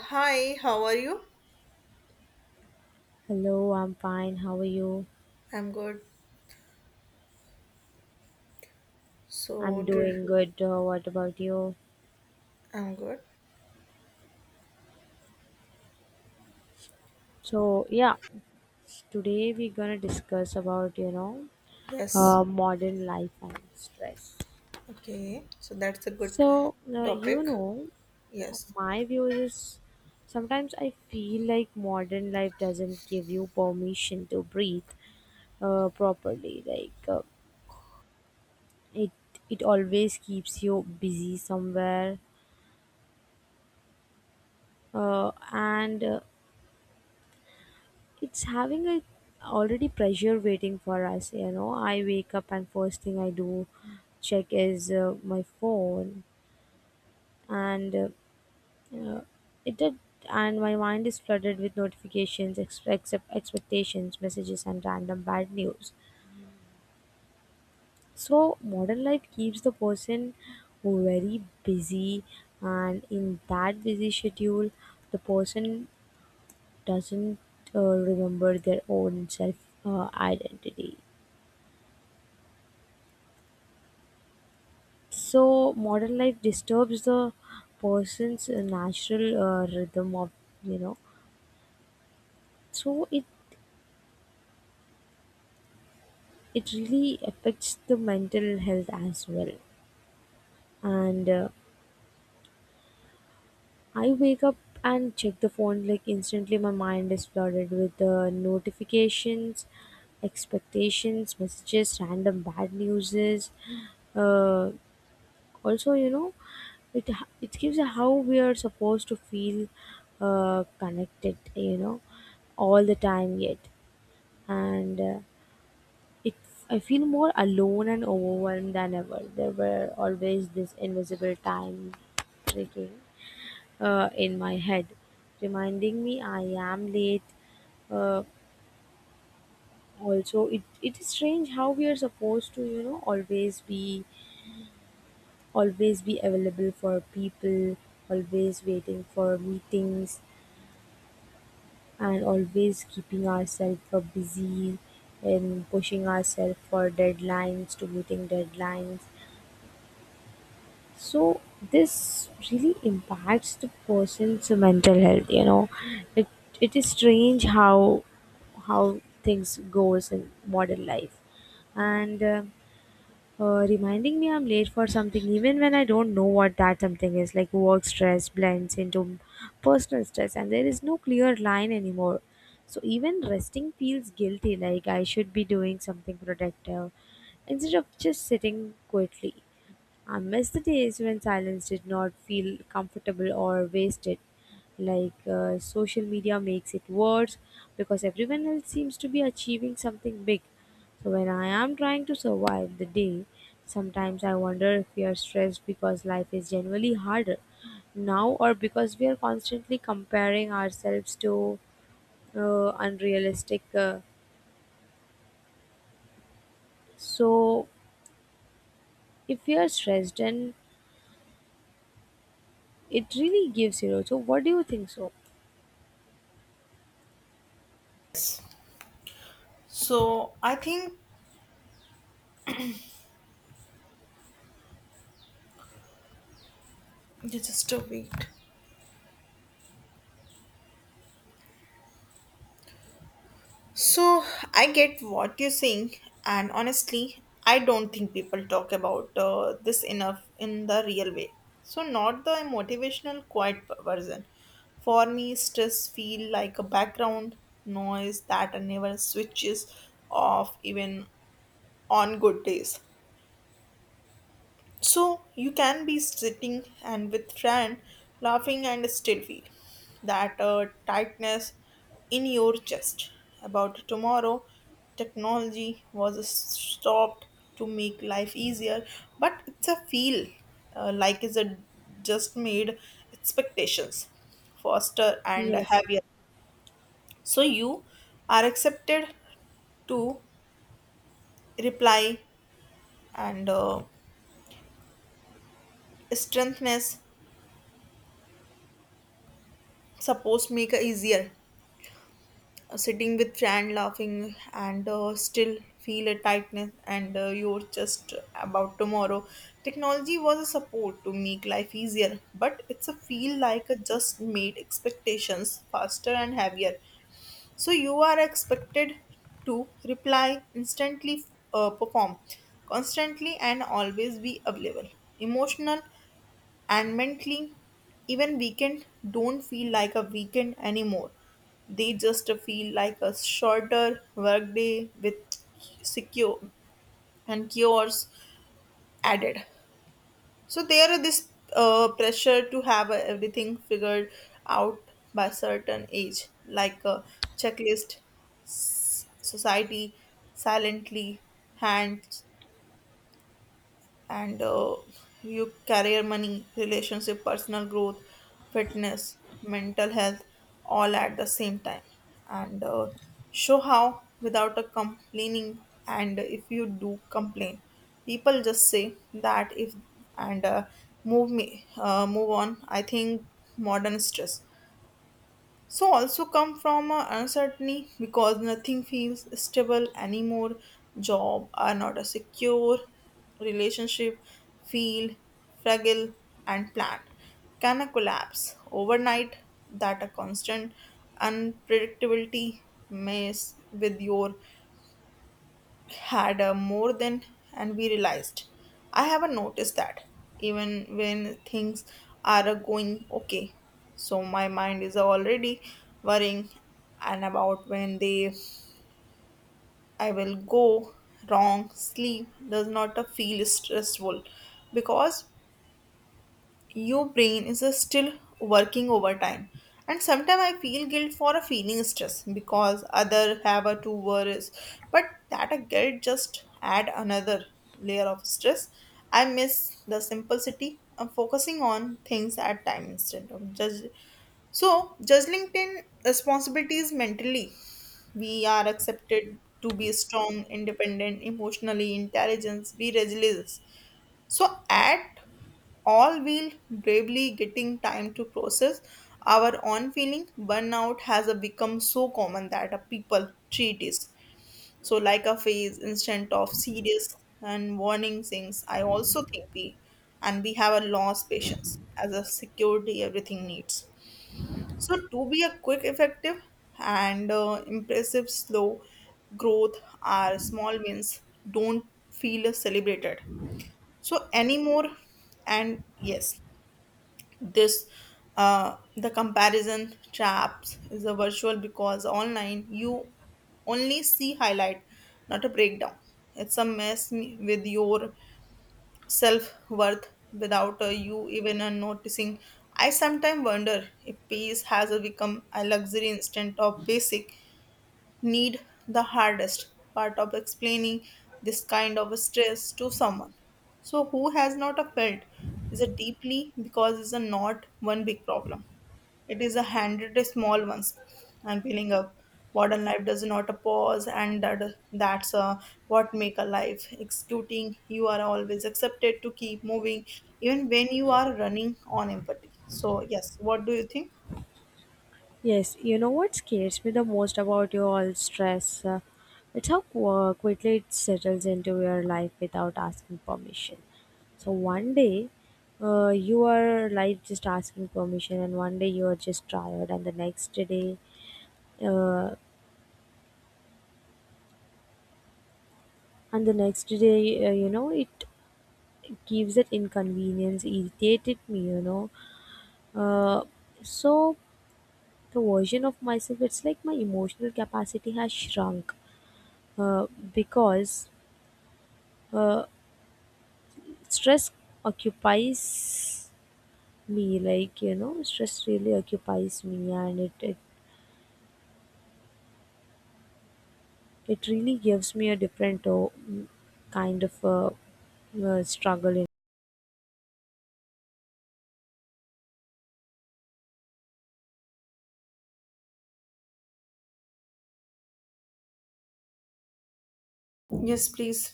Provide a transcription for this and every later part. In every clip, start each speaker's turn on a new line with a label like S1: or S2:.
S1: Hi, how are you?
S2: Hello, I'm fine. How are you?
S1: I'm good.
S2: I'm
S1: So, to-
S2: doing good. What about you?
S1: I'm good.
S2: So, yeah, Today we're gonna discuss about,
S1: Yes.
S2: modern life and stress.
S1: Okay. So that's a good
S2: So, uh, you
S1: topic.
S2: know,
S1: Yes.
S2: my view is sometimes I feel like modern life doesn't give you permission to breathe properly. It, it always keeps you busy somewhere, and it's having a already pressure waiting for us, you know. I wake up and first thing I do check is my phone and uh, it did and my mind is flooded with notifications, ex- except expectations, messages and random bad news. So modern life keeps the person very busy, and in that busy schedule the person doesn't remember their own self, identity. So modern life disturbs the person's natural rhythm of you know. So it really affects the mental health as well. And I wake up and check the phone like instantly. My mind is flooded with notifications, expectations, messages, random bad newses. Uh, Also it it gives a how we are supposed to feel connected, all the time, yet and it I feel more alone and overwhelmed than ever. There were always this invisible time ticking in my head, reminding me I am late. uh, it is strange how we are supposed to, always be, always be available for people, always waiting for meetings, and always keeping ourselves for busy, and pushing ourselves for deadlines, to meeting deadlines. So this really impacts the person's mental health. It it is strange how things goes in modern life, and. Reminding me I'm late for something even when I don't know what that something is. Like, work stress blends into personal stress, and there is no clear line anymore. So even resting feels guilty, like I should be doing something productive instead of just sitting quietly. I miss the days when silence did not feel comfortable or wasted. Social media makes it worse because everyone else seems to be achieving something big. So when I am trying to survive the day, sometimes I wonder if we are stressed because life is generally harder now, or because we are constantly comparing ourselves to unrealistic. So if we are stressed, then it really gives you. So what do you think so?
S1: So I think you just a wait. So I get what you're saying, and honestly, I don't think people talk about this enough in the real way. So not the motivational quiet version. For me, stress feel like a background noise that never switches off even on good days. So you can be sitting and with friend laughing and still feel that tightness in your chest about tomorrow. Technology was stopped to make life easier, but it's a feel like is a just made expectations faster and
S2: Yes.
S1: heavier. So you are accepted to reply and strengthness Suppose make it easier. Sitting with friend laughing and still feel a tightness and you're just about tomorrow. Technology was a support to make life easier, but it's a feel like a just made expectations faster and heavier. So you are expected to reply instantly, perform constantly, and always be available. Emotional and mentally, even weekend don't feel like a weekend anymore. They just feel like a shorter workday with secure and cures added. So there is this pressure to have everything figured out by certain age, like a checklist, society silently hand and your career, money, relationship, personal growth, fitness, mental health, all at the same time. And show how without a complaining. And if you do complain, people just say that if and move on. I think modern stress. So also come from a uncertainty because nothing feels stable anymore. Job are not a secure, relationship feel fragile and planned. Can a collapse overnight that a constant unpredictability mess with your had more than and we realized I haven't noticed that even when things are going okay, so my mind is already worrying and about when they I will go wrong. Sleep does not feel stressful because your brain is still working overtime, and sometimes I feel guilt for a feeling stress because other have a two worries, but that a guilt just add another layer of stress. I miss the simplicity of focusing on things at time instead of judge so juggling 10 responsibilities mentally. We are accepted to be strong, independent, emotionally intelligent, be resilient, so, at all, we'll bravely getting time to process our own feeling. Burnout has a become so common that a people treat it so like a phase instant of serious and warning things. I also think we have a lost patience as a security everything needs. So to be a quick, effective, and impressive slow growth, our small wins don't feel celebrated so anymore. And yes, this the comparison traps is a virtual because online you only see highlight, not a breakdown. It's a with your self-worth without you even noticing. I sometimes wonder if peace has become a luxury instead of basic need, the hardest part of explaining this kind of stress to someone. So, who has not a felt is a deeply because it's a not one big problem. It is a hundred small ones and building up. Modern life does not a pause, and that's what make a life. Executing, you are always accepted to keep moving, even when you are running on empathy. So yes, what do you think?
S2: Yes, you know what scares me the most about your all stress? It's how quickly it settles into your life without asking permission. So one day, you are like just asking permission, and one day you are just tired, and the next day, uh, you know, it gives that inconvenience, irritated me, you know. Uh, so the version of myself, it's like my emotional capacity has shrunk, uh, because uh, stress occupies me. Like, you know, stress really occupies me, and it really gives me a different kind of struggle in,
S1: Yes, please.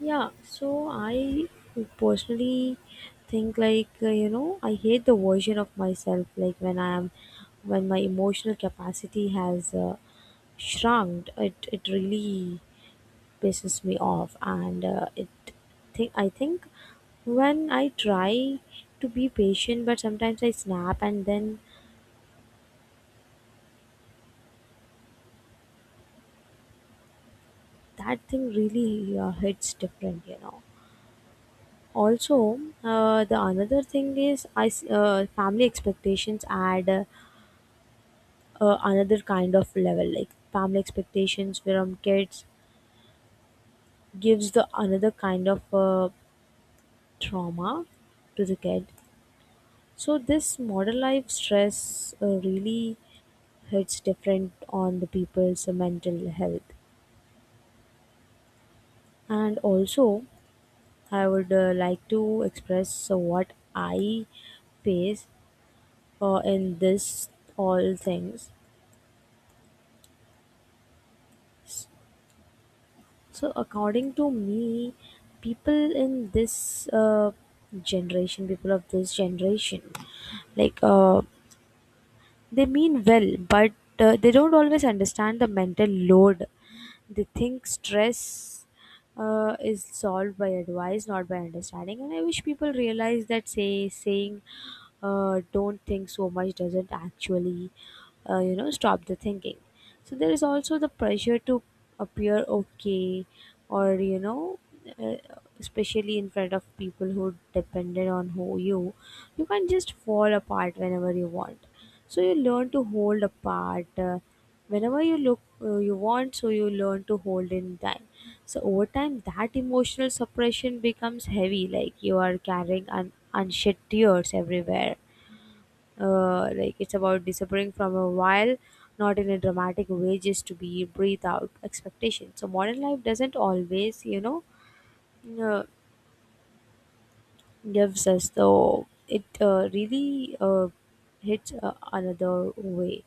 S2: yeah. So I personally think like, I hate the version of myself, like when I am, when my emotional capacity has shrunk. It really pisses me off, and it think I think when I try to be patient, but sometimes I snap, and then that thing really hits different, you know. Also, the another thing is, family expectations add another kind of level. Like family expectations from kids gives the another kind of trauma to the kid. So this modern life stress, really, it's different on the people's mental health. And also, I would like to express what I face in this all things. So according to me, people in this generation, people of this generation, like uh, they mean well, but they don't always understand the mental load. They think stress is solved by advice, not by understanding. And I wish people realize that saying "don't think so much" doesn't actually, stop the thinking. So there is also the pressure to appear okay, or you know. Uh, Especially in front of people who depended on, who you can't just fall apart whenever you want, so you learn to hold apart whenever you look, you want, so you learn to hold in time. So over time that emotional suppression becomes heavy, like you are carrying unshed tears everywhere. Like it's about disappearing from a while, not in a dramatic way, just to be breathe out expectation. So modern life doesn't always, you know, uh, gives us though, it really hits another way.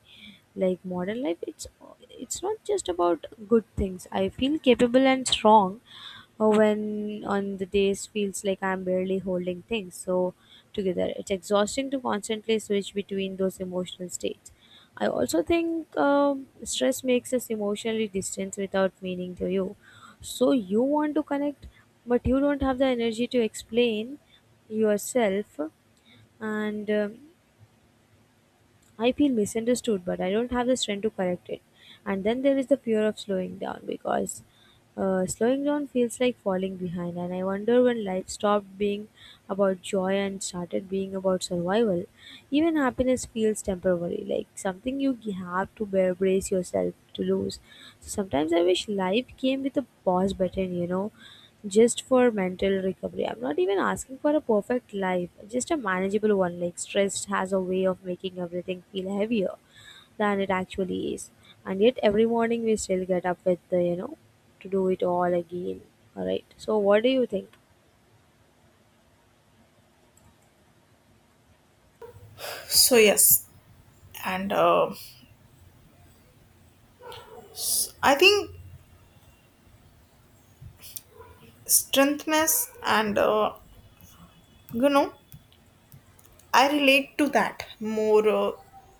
S2: Like modern life, it's not just about good things. I feel capable and strong when, on the days feels like I'm barely holding things so together. It's exhausting to constantly switch between those emotional states. I also think stress makes us emotionally distant without meaning to you. So you want to connect, but you don't have the energy to explain yourself, and I feel misunderstood, but I don't have the strength to correct it. And then there is the fear of slowing down, because slowing down feels like falling behind. And I wonder when life stopped being about joy and started being about survival. Even happiness feels temporary, like something you have to bear, brace yourself to lose. So sometimes I wish life came with a pause button, you know, just for mental recovery. I'm not even asking for a perfect life, just a manageable one. Like, stress has a way of making everything feel heavier than it actually is. And yet, every morning we still get up with the, you know, to do it all again. All right. So, what do you think?
S1: So yes, and I think strengthness and you know I relate to that more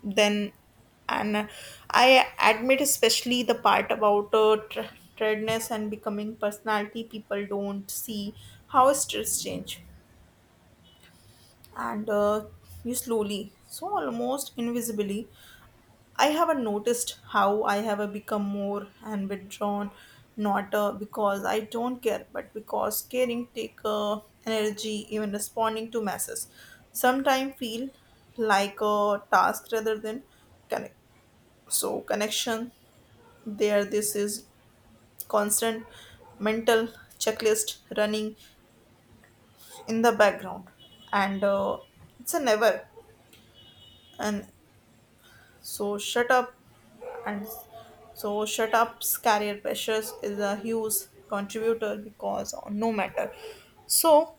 S1: than and I admit, especially the part about tiredness and becoming personality people don't see how stress change and you slowly, so almost invisibly. I haven't noticed how I have become more and withdrawn, not because I don't care, but because caring take energy, even responding to messages. Sometimes feel like a task rather than connect. So connection there. This is constant mental checklist running in the background, and it's a never. And so shut up and so shut ups career pressures is a huge contributor because no matter so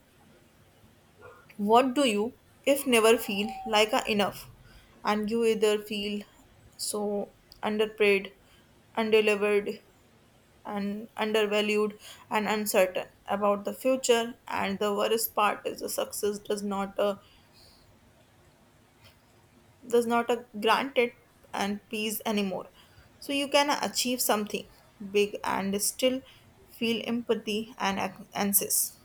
S1: what do you if never feel like a enough, and you either feel so underpaid, undelivered, and undervalued, and uncertain about the future. And the worst part is the success does not There's not a granted and peace anymore. So you can achieve something big and still feel empathy and anxious.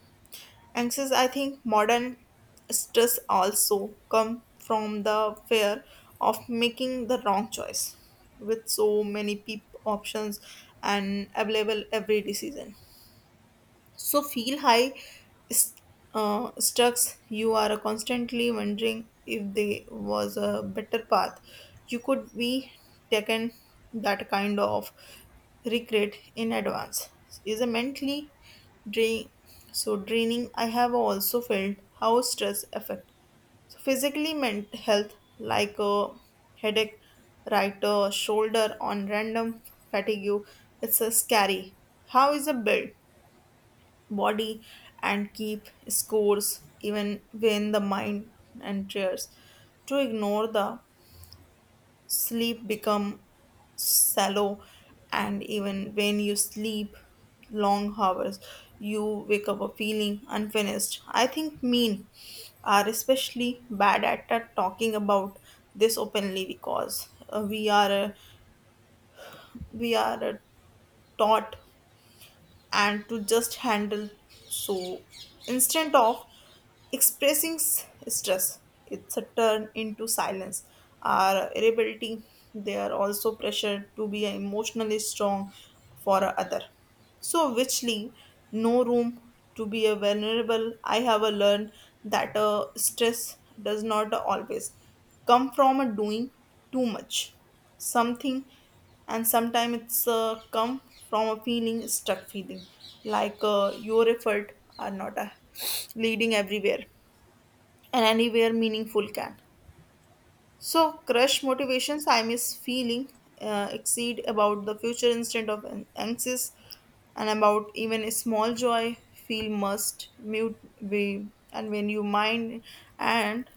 S1: Anxious, I think modern stress also come from the fear of making the wrong choice with so many options and available. Every decision so feel high st- structs. You are constantly wondering if there was a better path you could be taken. That kind of regret in advance is a mentally drain draining. I have also felt how stress affect so physically mental health, like a headache, right shoulder on random fatigue. It's a scary. How is a build? Body and keep scores even when the mind enters. To ignore the sleep become shallow, and even when you sleep long hours you wake up a feeling unfinished. I think men are especially bad at talking about this openly because we are taught and to just handle so instead of expressing stress. It's a turn into silence or irritability. They are also pressured to be emotionally strong for a other, so which leave no room to be a vulnerable. I have a learned that stress does not always come from a doing too much something, and sometimes it's come from a feeling stuck, feeling like your effort are not leading everywhere and anywhere meaningful can so crush motivations. I miss feeling exceed about the future instead of anxious and about even a small joy feel must mute be and when you mind and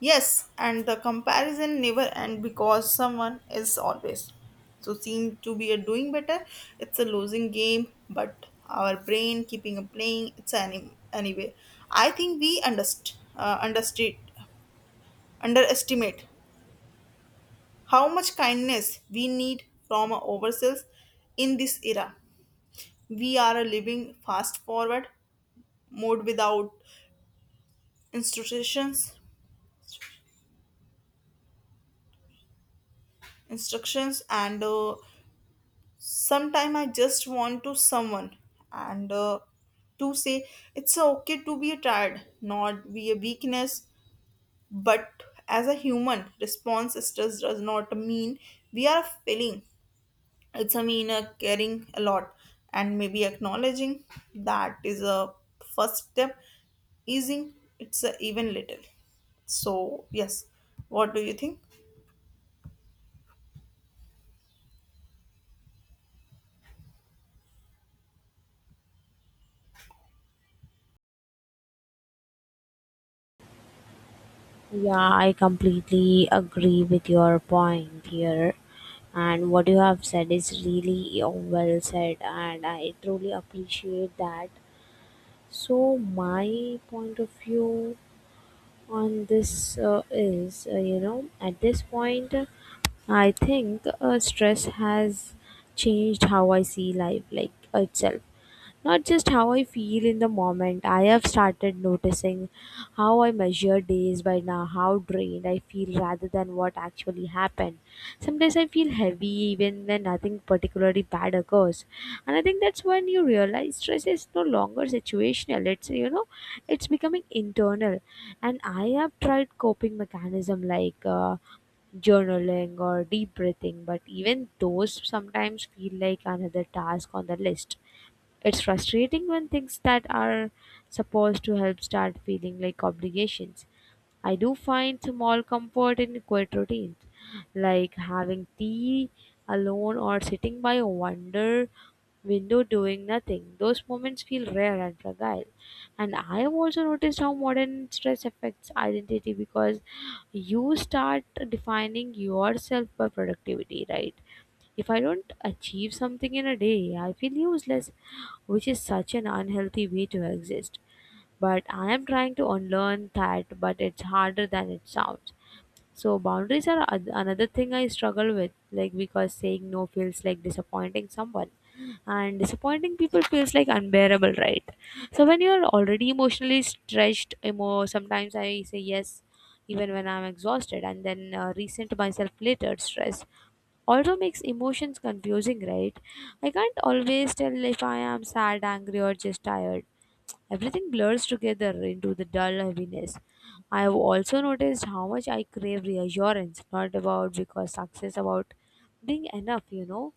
S1: Yes, and the comparison never end because someone is always so seem to be a doing better. It's a losing game, but our brain keeping a playing. It's anyway. I think we underst understate underestimate how much kindness we need from our ourselves in this era. We are a living fast forward mode without instructions, instructions, and sometime I just want to someone and to say it's okay to be tired, not be a weakness, but as a human response. Stress does not mean we are failing. It's a mean caring a lot, and maybe acknowledging that is a first step easing it's a even little. So yes, what do you think?
S2: Yeah, I completely agree with your point here. And what you have said is really, well said, and I truly appreciate that. So, my point of view on this, is you know at this point I think stress has changed how I see life like itself, not just how I feel in the moment. I have started noticing how I measure days by now, how drained I feel rather than what actually happened. Sometimes I feel heavy even when nothing particularly bad occurs. And I think that's when you realize stress is no longer situational. It's, you know, it's becoming internal. And I have tried coping mechanism like, journaling or deep breathing, but even those sometimes feel like another task on the list. It's frustrating when things that are supposed to help start feeling like obligations. I do find small comfort in quiet routines, like having tea alone or sitting by a wonder window doing nothing. Those moments feel rare and fragile. And I have also noticed how modern stress affects identity, because you start defining yourself by productivity, right? If I don't achieve something in a day, I feel useless, which is such an unhealthy way to exist. But I am trying to unlearn that, but it's harder than it sounds. So boundaries are another thing I struggle with, like because saying no feels like disappointing someone, and disappointing people feels like unbearable, right? So when you are already emotionally stretched, sometimes I say yes even when I'm exhausted, and then resent myself later. Stress also makes emotions confusing, right? I can't always tell if I am sad, angry, or just tired. Everything blurs together into the dull heaviness. I have also noticed how much I crave reassurance, not about because success, about being enough, you know.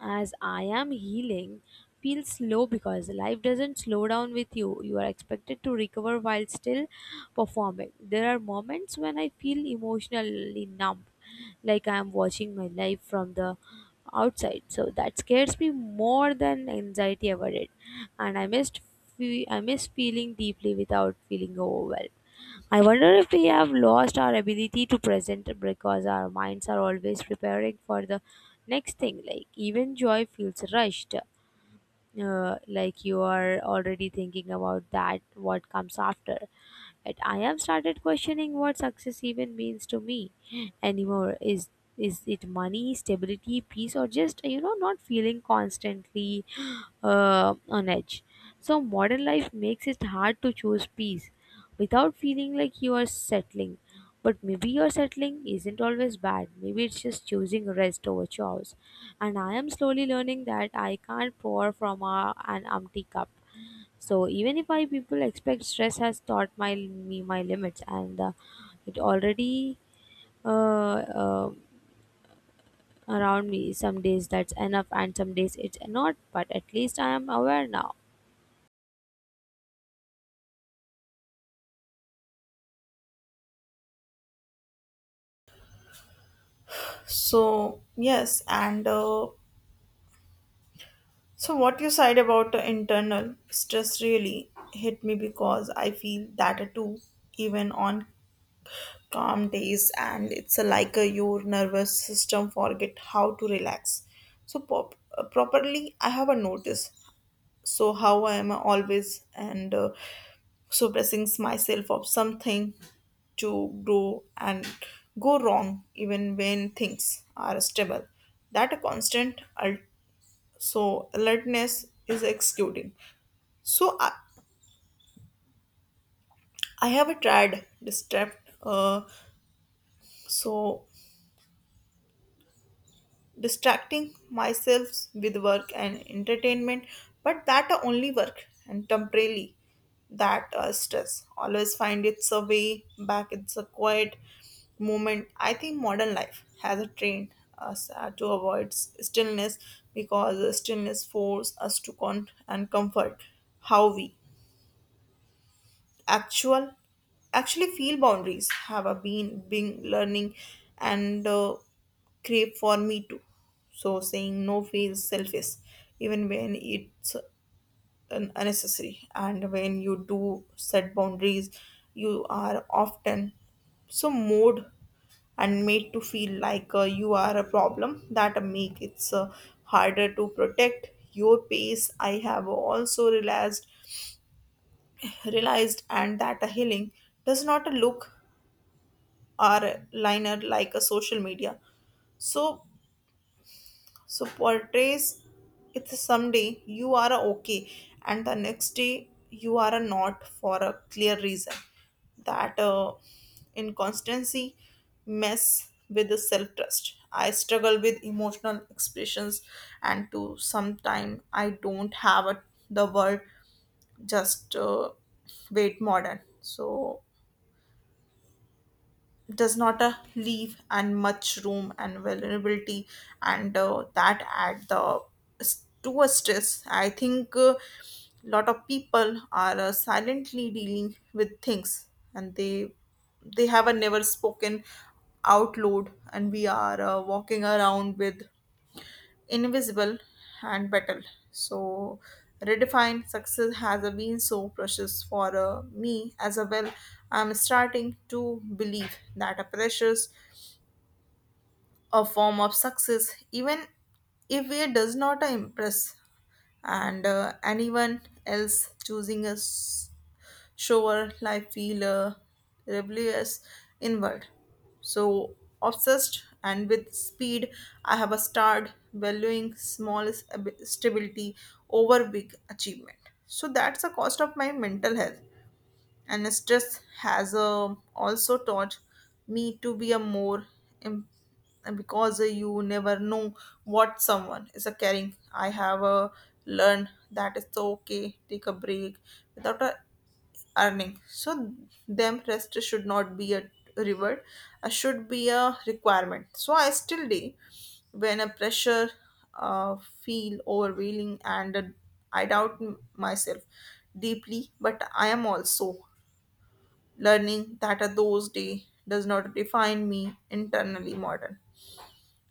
S2: As I am healing, feels slow because life doesn't slow down with you. You are expected to recover while still performing. There are moments when I feel emotionally numb, like I'm watching my life from the outside. So that scares me more than anxiety ever did. And I miss feeling deeply without feeling overwhelmed. I wonder if we have lost our ability to present, because our minds are always preparing for the next thing. Like even joy feels rushed. Like you are already thinking about that what comes after. Yet I have started questioning what success even means to me anymore. Is it money, stability, peace, or, just you know, not feeling constantly on edge? So modern life makes it hard to choose peace without feeling like you are settling. But maybe your settling isn't always bad. Maybe it's just choosing rest over chores. And I am slowly learning that I can't pour from a, an empty cup. So even if I people expect, stress has taught my me my limits, and it already uh, uh, around me. Some days that's enough, and some days it's not. But at least I am aware now.
S1: So yes, and So, what you said about the internal stress really hit me because I feel that too, even on calm days, and it's a like a your nervous system forget how to relax. So, properly, I have a notice. So, how I am always and suppressing myself of something to grow and go wrong, even when things are stable. That constant so alertness is executing so I have tried so distracting myself with work and entertainment, but that only work and temporarily. That stress always find its a way back. It's a quiet moment. I think modern life has trained us to avoid stillness because stillness forces us to con and comfort how we actual actually feel. Boundaries have a been being learning and crave for me too. So saying no feels selfish even when it's unnecessary, and when you do set boundaries you are often so mood and made to feel like you are a problem. That make it harder to protect your pace. I have also realized and that a healing does not look or liner like a social media so so portrays. It someday you are okay, and the next day you are not for a clear reason. That inconstancy mess with the self trust. I struggle with emotional expressions, and to sometime I don't have a, the word, just wait. Modern so does not leave and much room and vulnerability, and that add the to a stress. I think a lot of people are silently dealing with things, and they have a never spoken out loud, and we are walking around with invisible and battle. So redefined success has been so precious for me as a well. I'm starting to believe that a precious a form of success, even if it does not impress and anyone else, choosing a shower life feel rebellious inward. So obsessed and with speed, I have a starred valuing small stability over big achievement. So that's the cost of my mental health, and stress has also taught me to be a more em- because you never know what someone is a caring. I have learned that it's okay take a break without a earning, so them rest should not be a reward, should be a requirement. So I still day when a pressure uh, feel overwhelming, and I doubt myself deeply, but I am also learning that a those day does not define me internally modern.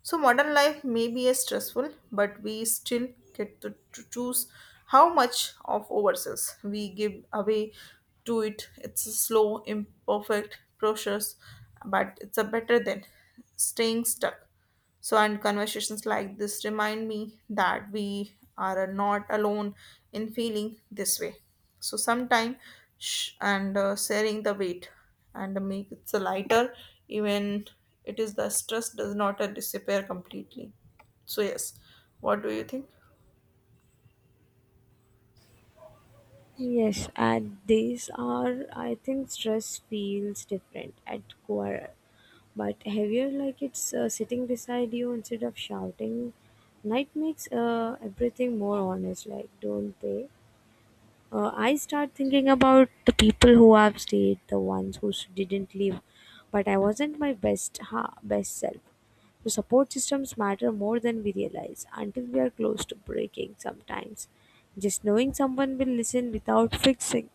S1: So modern life may be a stressful, but we still get to choose how much of ourselves we give away to it. It's a slow, imperfect process, but it's a better than staying stuck. So, and conversations like this remind me that we are not alone in feeling this way. So, sometime sh- and sharing the weight and make it so lighter, even it is the stress does not disappear completely. So, yes, what do you think?
S2: Yes, and these are, I think, stress feels different at core, but heavier, like it's sitting beside you instead of shouting. Night makes everything more honest, like don't pay. I start thinking about the people who have stayed, the ones who didn't leave. But I wasn't my best, best self. So support systems matter more than we realize until we are close to breaking sometimes. Just knowing someone will listen without fixing.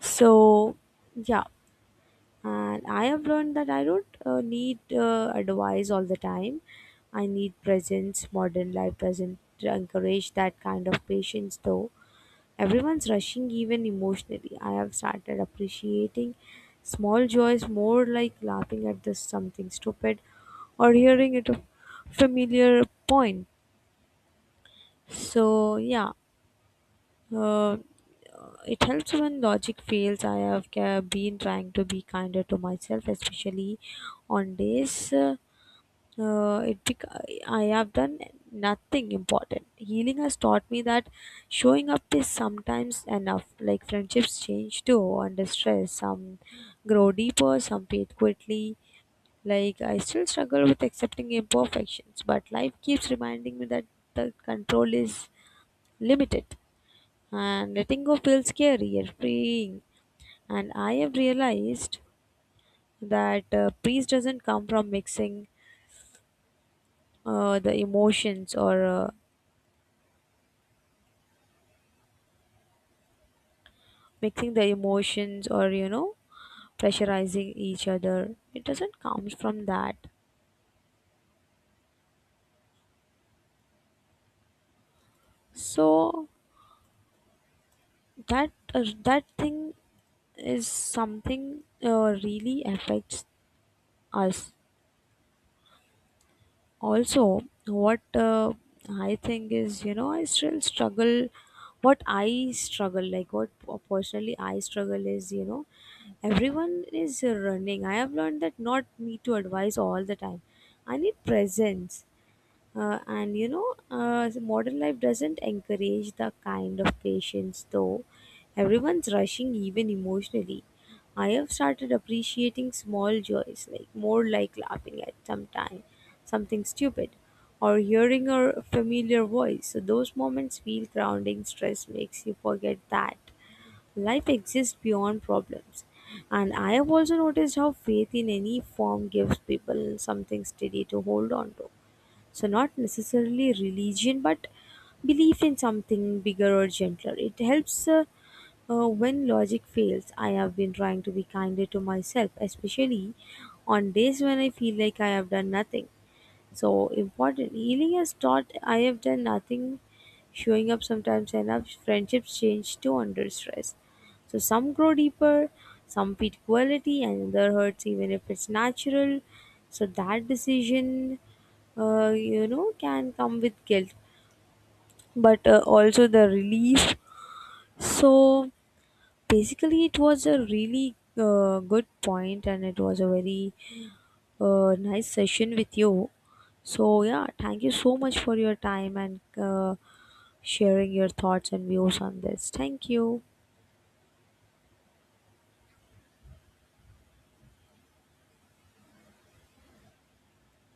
S2: So yeah, and I have learned that I don't need advice all the time. I need presence. Modern life doesn't encourage that kind of patience though. Everyone's rushing, even emotionally. I have started appreciating small joys more, like laughing at this something stupid, or hearing it a familiar point. So, yeah, uh, it helps when logic fails. I have been trying to be kinder to myself, especially on days. Uh, it bec- I have done nothing important. Healing has taught me that showing up is sometimes enough. Like friendships change too under stress. Some grow deeper, some fade quickly. Like I still struggle with accepting imperfections, but life keeps reminding me that the control is limited, and letting go feels scary and freeing. And I have realized that peace doesn't come from mixing the emotions or mixing the emotions, or you know, pressurizing each other. It doesn't come from that. So that that thing is something really affects us. Also, what I think is, you know, I still struggle, what I struggle like what personally I struggle is, you know, everyone is running. I have learned that not me to advise all the time. I need presence. And you know, the modern life doesn't encourage the kind of patience, though. Everyone's rushing, even emotionally. I have started appreciating small joys, like more like laughing at some time, something stupid, or hearing a familiar voice. So those moments feel grounding. Stress makes you forget that life exists beyond problems. And I have also noticed how faith in any form gives people something steady to hold on to. So, not necessarily religion, but belief in something bigger or gentler. It helps when logic fails. I have been trying to be kinder to myself, especially on days when I feel like I have done nothing. So important. Healing has taught, I have done nothing, showing up sometimes enough. Friendships change too under stress. So some grow deeper, some beat quality, and other hurts even if it's natural. So that decision, you know, can come with guilt, but also the relief. So basically, it was a really good point, and it was a very nice session with you. So, yeah, thank you so much for your time, and sharing your thoughts and views on this. Thank you.